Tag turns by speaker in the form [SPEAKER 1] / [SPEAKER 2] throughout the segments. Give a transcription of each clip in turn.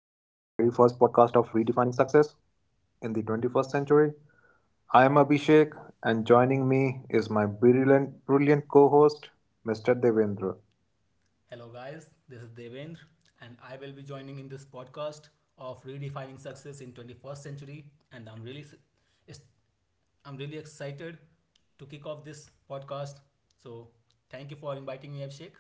[SPEAKER 1] podcast of Redefining Success in the 21st Century. I am Abhishek, and joining me is my brilliant, brilliant co host, Mr. Devendra.
[SPEAKER 2] Hello, guys. This is Devendra, and I will be joining in this podcast of redefining success in 21st century. And I'm really excited to kick off this podcast. So, thank you for inviting me, Abhishek.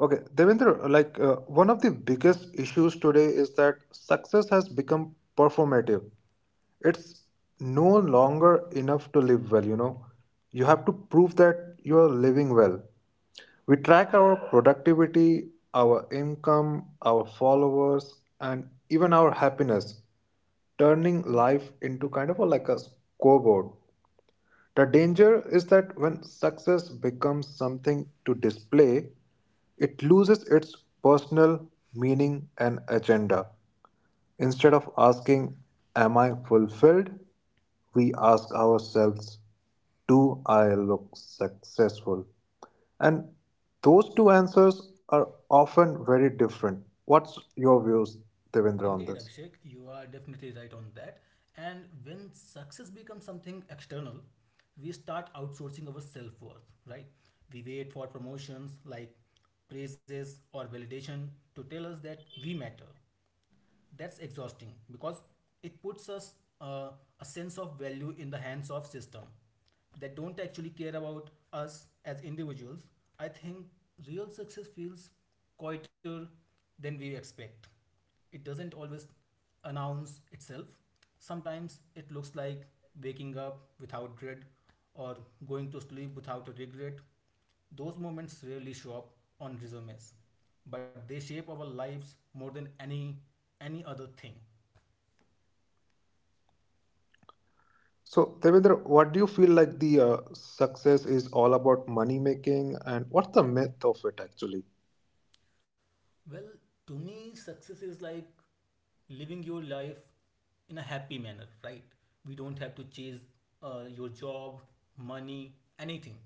[SPEAKER 1] Okay, Devendra, one of the biggest issues today is that success has become performative. It's no longer enough to live well, you know. You have to prove that you are living well. We track our productivity, our income, our followers, and even our happiness, turning life into kind of a, like a scoreboard. The danger is that when success becomes something to display, it loses its personal meaning and agenda. Instead of asking, am I fulfilled? We ask ourselves, do I look successful? And those two answers are often very different. What's your views, Devendra, on
[SPEAKER 2] Indeed,
[SPEAKER 1] this?
[SPEAKER 2] Abhishek, you are definitely right on that. And when success becomes something external, we start outsourcing our self worth, right? We wait for promotions like praises or validation to tell us that we matter. That's exhausting because it puts us, uh, a sense of value in the hands of system that don't actually care about us as individuals. I think real success feels quieter than we expect. It doesn't always announce itself. Sometimes it looks like waking up without dread or going to sleep without a regret. Those moments rarely show up on resumes, but they shape our lives more than any other thing.
[SPEAKER 1] So, Devendra, what do you feel like the success is all about money making, and what's the myth of it actually?
[SPEAKER 2] Well, to me, success is like living your life in a happy manner, right? We don't have to chase your job, money, anything.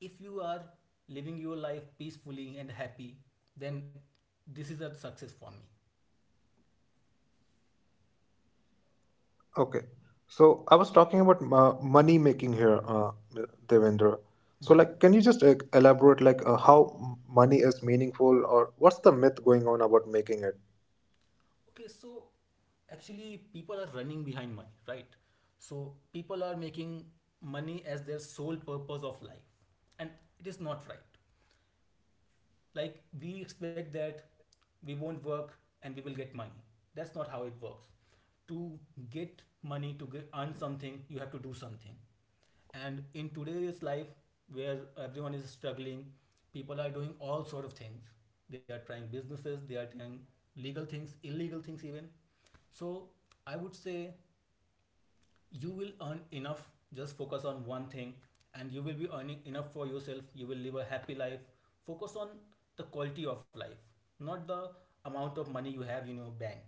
[SPEAKER 2] If you are living your life peacefully and happy, then this is a success for me.
[SPEAKER 1] Okay. So I was talking about money making here, Devendra. So,
[SPEAKER 2] Mhm.
[SPEAKER 1] like, can you just elaborate, like, how money is meaningful, or what's the myth going on about making it?
[SPEAKER 2] Okay, so actually, people are running behind money, right? So people are making money as their sole purpose of life, and it is not right. Like, we expect that we won't work and we will get money. That's not how it works. To get money, to get, earn something, you have to do something. And in today's life, where everyone is struggling, people are doing all sort of things. They are trying businesses, they are trying legal things, illegal things even. So I would say you will earn enough, just focus on one thing, and you will be earning enough for yourself, you will live a happy life. Focus on the quality of life, not the amount of money you have in your bank.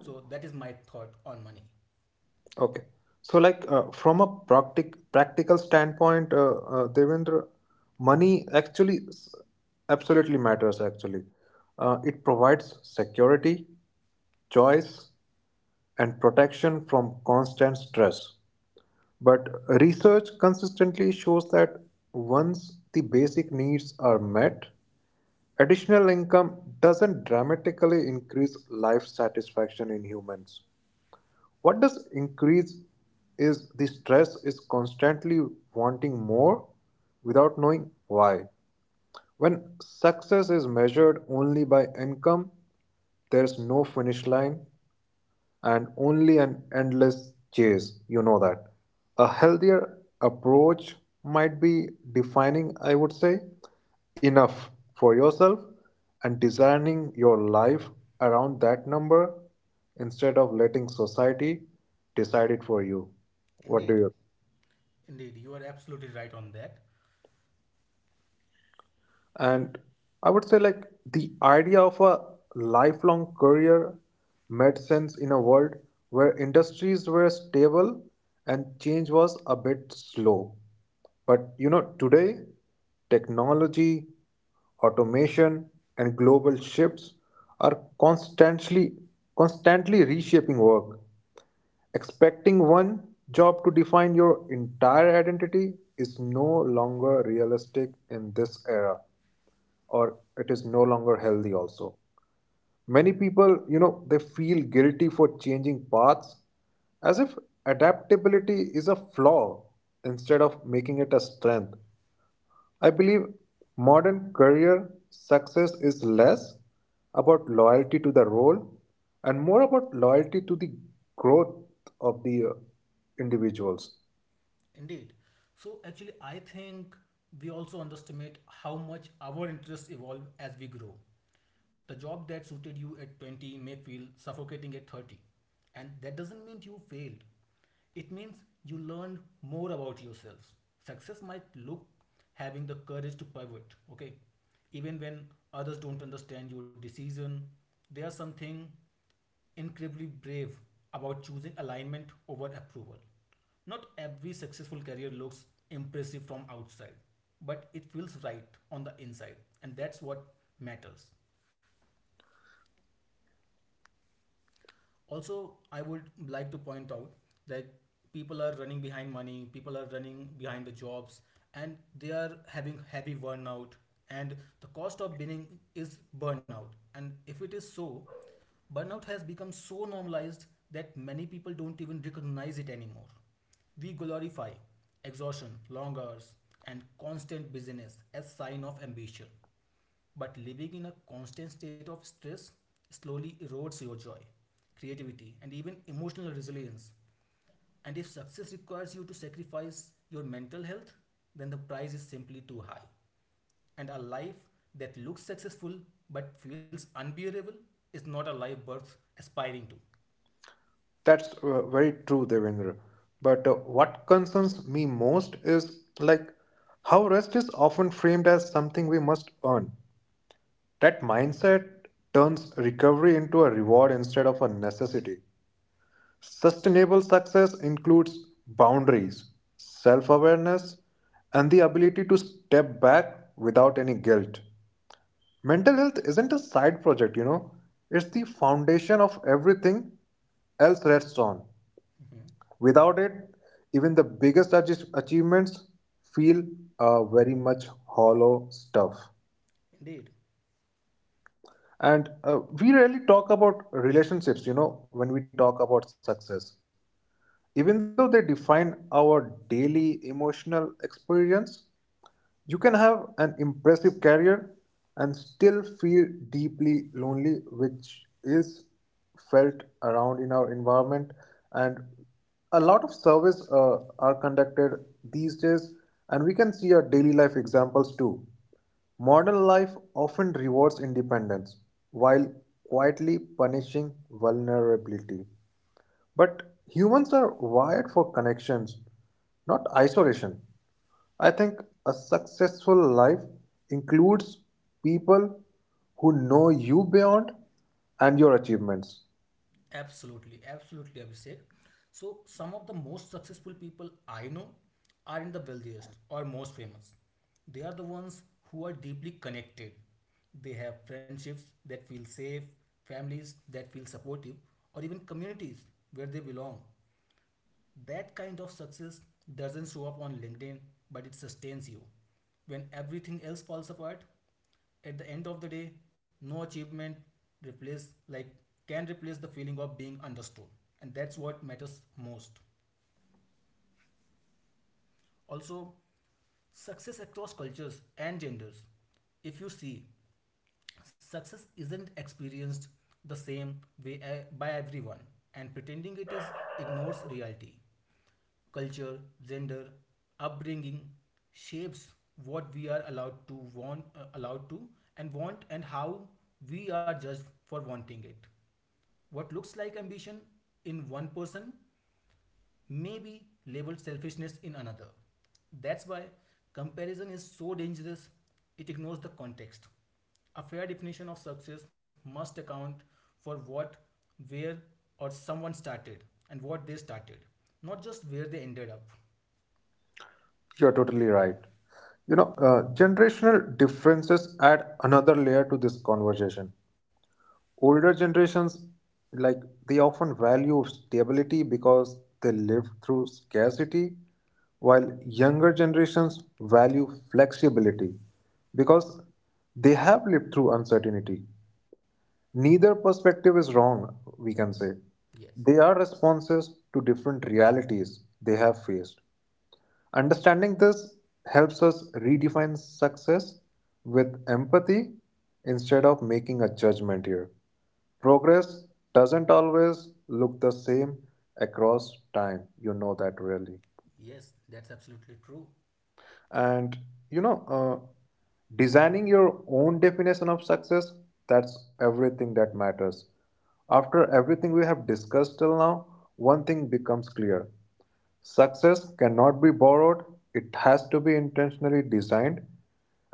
[SPEAKER 2] So that is my thought on money.
[SPEAKER 1] Okay. So, like, from a practical standpoint, Devendra, money absolutely matters, actually. It provides security, choice, and protection from constant stress. But research consistently shows that once the basic needs are met, additional income doesn't dramatically increase life satisfaction in humans. What does increase is the stress is constantly wanting more without knowing why. When success is measured only by income, there's no finish line and only an endless chase. You know that. A healthier approach might be defining, I would say, enough for yourself and designing your life around that number instead of letting society decide it for you. What do
[SPEAKER 2] Indeed,
[SPEAKER 1] you
[SPEAKER 2] indeed, you are absolutely right on that.
[SPEAKER 1] And I would say, like, the idea of a lifelong career made sense in a world where industries were stable and change was a bit slow. But you know, today, technology, automation, and global shifts are constantly reshaping work. Expecting one job to define your entire identity is no longer realistic in this era, or it is no longer healthy also. Many people, you know, they feel guilty for changing paths as if adaptability is a flaw instead of making it a strength. I believe modern career success is less about loyalty to the role and more about loyalty to the growth of the individuals.
[SPEAKER 2] Indeed. So actually, I think we also underestimate how much our interests evolve as we grow. The job that suited you at 20 may feel suffocating at 30. And that doesn't mean you failed. It means you learned more about yourself. Success might look having the courage to pivot, okay? Even when others don't understand your decision, there's something incredibly brave about choosing alignment over approval. Not every successful career looks impressive from outside, but it feels right on the inside, and that's what matters. Also, I would like to point out that people are running behind money, people are running behind the jobs, and they are having heavy burnout. And the cost of being is burnout. And if it is so, burnout has become so normalized that many people don't even recognize it anymore. We glorify exhaustion, long hours, and constant busyness as sign of ambition. But living in a constant state of stress slowly erodes your joy, creativity, and even emotional resilience. And if success requires you to sacrifice your mental health, then the price is simply too high. And a life that looks successful but feels unbearable is not a life worth aspiring to.
[SPEAKER 1] That's very true, Devendra. But what concerns me most is like how rest is often framed as something we must earn. That mindset turns recovery into a reward instead of a necessity. Sustainable success includes boundaries, self awareness, and the ability to step back without any guilt. Mental health isn't a side project, you know, it's the foundation of everything else rests on.
[SPEAKER 2] Mhm.
[SPEAKER 1] Without it, even the biggest achievements feel very much hollow stuff.
[SPEAKER 2] Indeed.
[SPEAKER 1] And we rarely talk about relationships, you know, when we talk about success. Even though they define our daily emotional experience, you can have an impressive career and still feel deeply lonely, which is felt around in our environment. And a lot of surveys are conducted these days, and we can see our daily life examples too. Modern life often rewards independence while quietly punishing vulnerability. But humans are wired for connections, not isolation. I think a successful life includes people who know you beyond and your achievements.
[SPEAKER 2] Absolutely, absolutely, Abhishek. So, some of the most successful people I know are in the wealthiest or most famous. They are the ones who are deeply connected. They have friendships that feel safe, families that feel supportive, or even communities where they belong. That kind of success doesn't show up on LinkedIn, but it sustains you. When everything else falls apart, at the end of the day, no achievement replace, like, can replace the feeling of being understood. And that's what matters most. Also, success across cultures and genders. If you see, success isn't experienced the same way by everyone, and pretending it is ignores reality. Culture, gender, upbringing shapes what we are allowed to want, allowed to, and want, and how we are judged for wanting it. What looks like ambition in one person maybe labeled selfishness in another. That's why comparison is so dangerous, it ignores the context. A fair definition of success must account for what, where, or someone started and what they started, not just where they ended up.
[SPEAKER 1] You're totally right. You know, generational differences add another layer to this conversation. Older generations, like, they often value stability because they live through scarcity, while younger generations value flexibility because they have lived through uncertainty. Neither perspective is wrong, we can say.
[SPEAKER 2] Yes,
[SPEAKER 1] They are responses to different realities they have faced. Understanding this helps us redefine success with empathy instead of making a judgment here. Progress doesn't always look the same across time, you know that really.
[SPEAKER 2] yes, that's absolutely true.
[SPEAKER 1] And you know, designing your own definition of success, that's everything that matters. After everything we have discussed till now, one thing becomes clear: success cannot be borrowed, it has to be intentionally designed,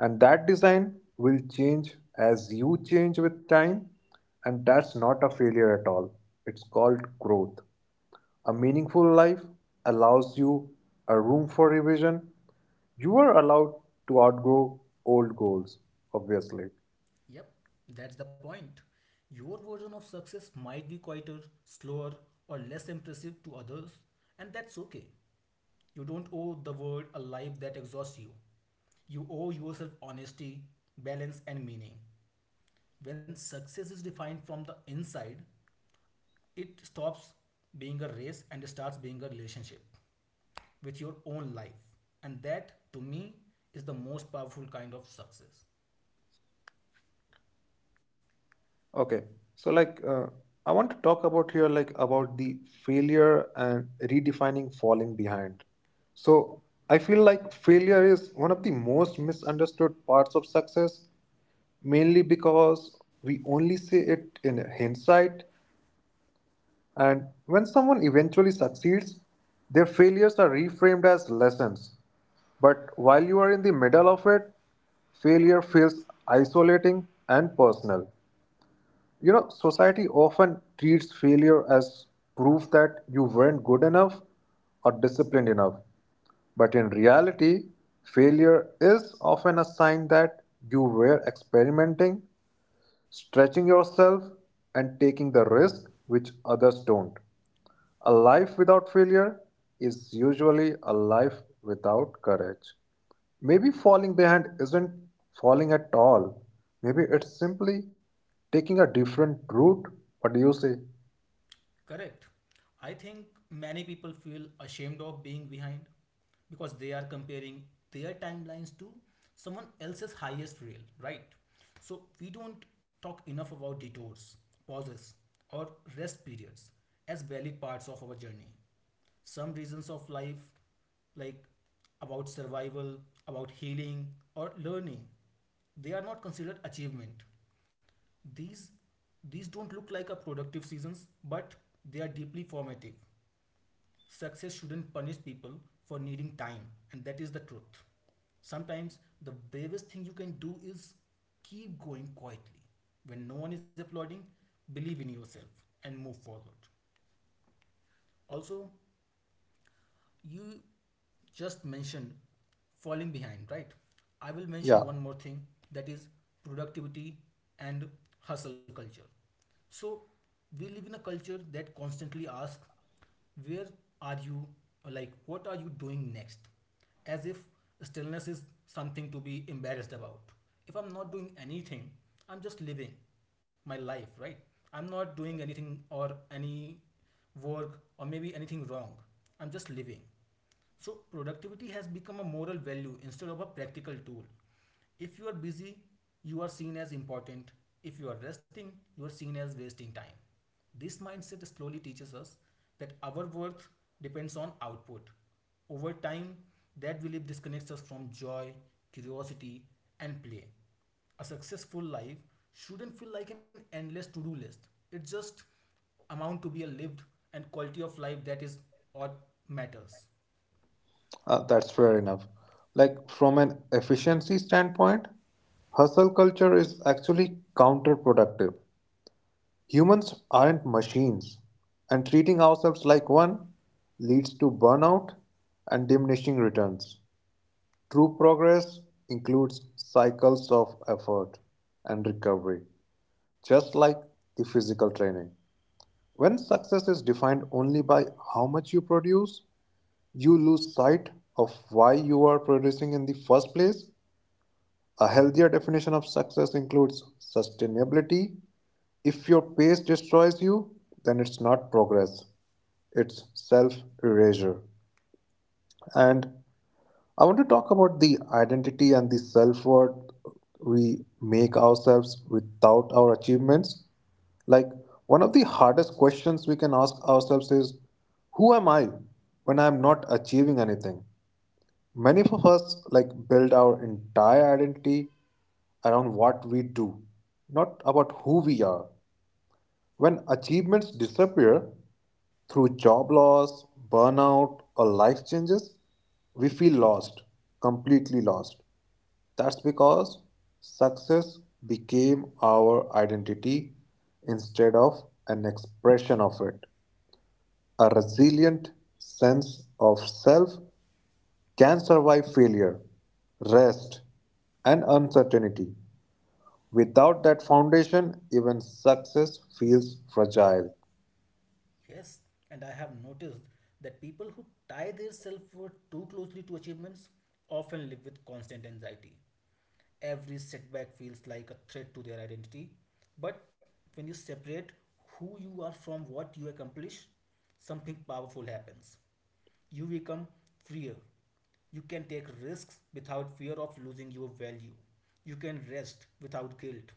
[SPEAKER 1] and that design will change as you change with time. And that's not a failure at all, it's called growth. A meaningful life allows you a room for revision. You are allowed to outgrow old goals, obviously.
[SPEAKER 2] Yep, that's the point. Your version of success might be quieter, slower, or less impressive to others, and that's okay. You don't owe the world a life that exhausts you. You owe yourself honesty, balance, and meaning. When success is defined from the inside, it stops being a race and starts being a relationship with your own life. And that, to me, is the most powerful kind of success.
[SPEAKER 1] Okay, so I want to talk about here like about the failure and redefining falling behind. So I feel like failure is one of the most misunderstood parts of success, mainly because we only see it in hindsight. And when someone eventually succeeds, their failures are reframed as lessons. But while you are in the middle of it, failure feels isolating and personal. You know, society often treats failure as proof that you weren't good enough or disciplined enough. But in reality, failure is often a sign that you were experimenting, stretching yourself, and taking the risk which others don't. A life without failure is usually a life without courage. Maybe falling behind isn't falling at all. Maybe it's simply taking a different route. What do you say?
[SPEAKER 2] Correct. I think many people feel ashamed of being behind because they are comparing their timelines to someone else's highest reel, right? So we don't talk enough about detours, pauses, or rest periods as valid parts of our journey. Some reasons of life, like about survival, about healing, or learning, they are not considered achievement. These these don't look like a productive seasons, but they are deeply formative. Success shouldn't punish people for needing time, and that is the truth. Sometimes the bravest thing you can do is keep going quietly. When no one is applauding, believe in yourself and move forward. Also, you just mentioned falling behind, right? I will
[SPEAKER 1] Yeah,
[SPEAKER 2] mention one more thing, that is productivity and hustle culture. So we live in a culture that constantly asks, where are you? Or like, what are you doing next? As if stillness is something to be embarrassed about. If I'm not doing anything, I'm just living my life, right? I'm not doing anything or any work or maybe anything wrong. I'm just living. So productivity has become a moral value instead of a practical tool. If you are busy, you are seen as important. If you are resting, you are seen as wasting time. This mindset slowly teaches us that our worth depends on output. Over time, that belief disconnects us from joy, curiosity, and play. A successful life shouldn't feel like an endless to do list. It just amount to be a lived and quality of life, that is what matters.
[SPEAKER 1] that's fair enough. Like, from an efficiency standpoint, hustle culture is actually counterproductive. Humans aren't machines, and treating ourselves like one leads to burnout and diminishing returns. True progress includes cycles of effort and recovery, just like the physical training. When success is defined only by how much you produce, you lose sight of why you are producing in the first place. A healthier definition of success includes sustainability. If your pace destroys you, then it's not progress, it's self erasure. And I want to talk about the identity and the self worth we make ourselves without our achievements. Like, one of the hardest questions we can ask ourselves is, who am I when I am not achieving anything? Many of us like build our entire identity around what we do, not about who we are. When achievements disappear through job loss, burnout, or life changes, we feel lost, completely lost. That's because success became our identity instead of an expression of it. A resilient sense of self can survive failure, rest, and uncertainty. Without that foundation, even success feels fragile.
[SPEAKER 2] Yes, and I have noticed that people who tie their self worth too closely to achievements often live with constant anxiety. Every setback feels like a threat to their identity. But when you separate who you are from what you accomplish, something powerful happens. You become freer. You can take risks without fear of losing your value. You can rest without guilt.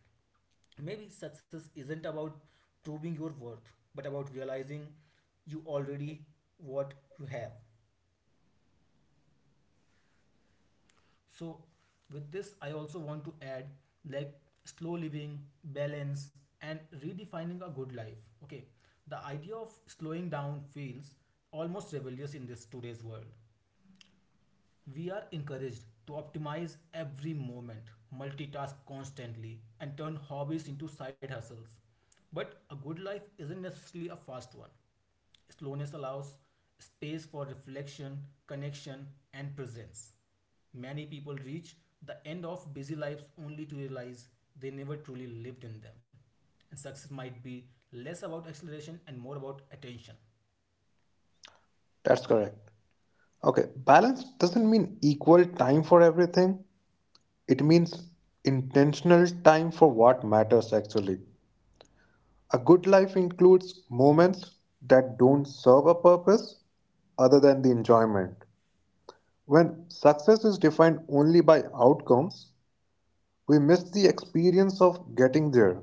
[SPEAKER 2] Maybe success isn't about proving your worth, but about realizing you already what you have. So, with this, I also want to add like slow living, balance, and redefining a good life. Okay, the idea of slowing down feels almost rebellious in this today's world. We are encouraged to optimize every moment, multitask constantly, and turn hobbies into side hustles. But a good life isn't necessarily a fast one. Slowness allows space for reflection, connection, and presence. Many people reach the end of busy lives only to realize they never truly lived in them. And success might be less about acceleration and more about attention.
[SPEAKER 1] That's correct. Okay, balance doesn't mean equal time for everything, it means intentional time for what matters actually. A good life includes moments that don't serve a purpose other than the enjoyment. When success is defined only by outcomes, we miss the experience of getting there.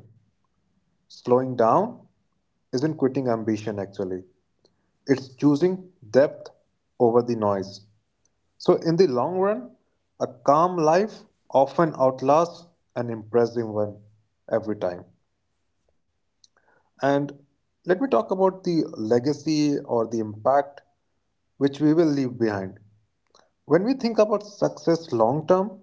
[SPEAKER 1] Slowing down isn't quitting ambition, actually, it's choosing depth over the noise. So, in the long run, a calm life often outlasts an impressive one every time. And let me talk about the legacy or the impact which we will leave behind. When we think about success long term,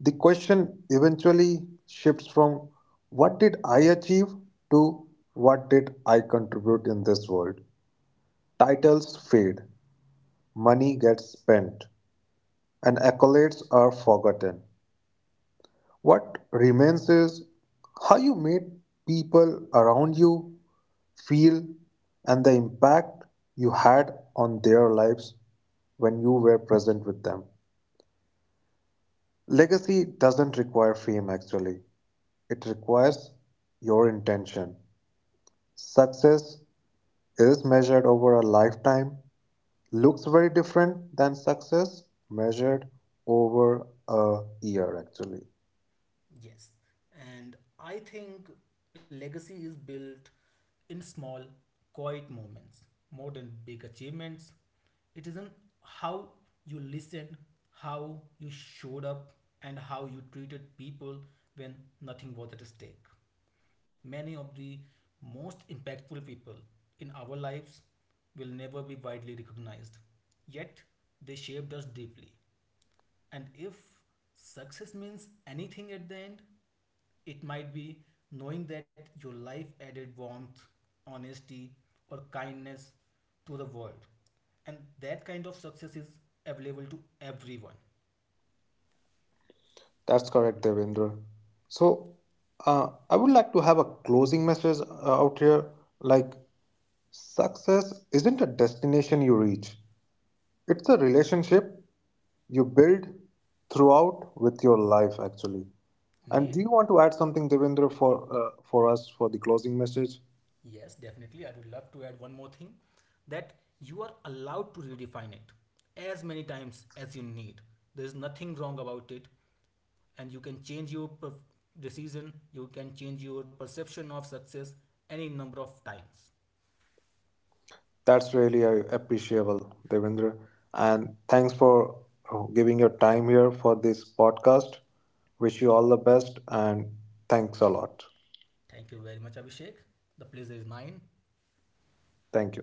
[SPEAKER 1] the question eventually shifts from what did I achieve to what did I contribute in this world. Titles fade, money gets spent, and accolades are forgotten. What remains is how you made people around you feel and the impact you had on their lives when you were present with them. Legacy doesn't require fame, actually, it requires your intention. Success is measured over a lifetime, looks very different than success measured over a year, actually.
[SPEAKER 2] Yes. And I think legacy is built in small, quiet moments more than big achievements. It is isn't how you listened, how you showed up, and how you treated people when nothing was at stake. Many of the most impactful people in our lives will never be widely recognized, yet they shaped us deeply. And if success means anything at the end, it might be knowing that your life added warmth, honesty, or kindness to the world. And that kind of success is available to everyone.
[SPEAKER 1] That's correct, Devendra. So, I would like to have a closing message out here, like, success isn't a destination you reach, it's a relationship you build throughout with your life, actually. And do
[SPEAKER 2] Indeed.
[SPEAKER 1] you want to add something, Devendra, for us for the closing message?
[SPEAKER 2] Yes, definitely. I would love to add one more thing, that you are allowed to redefine it as many times as you need. There is nothing wrong about it, and you can change your decision, you can change your perception of success any number of times.
[SPEAKER 1] That's really appreciable, Devendra. And thanks for giving your time here for this podcast. Wish you all the best and thanks a lot.
[SPEAKER 2] Thank you very much, Abhishek. The pleasure is mine.
[SPEAKER 1] Thank you.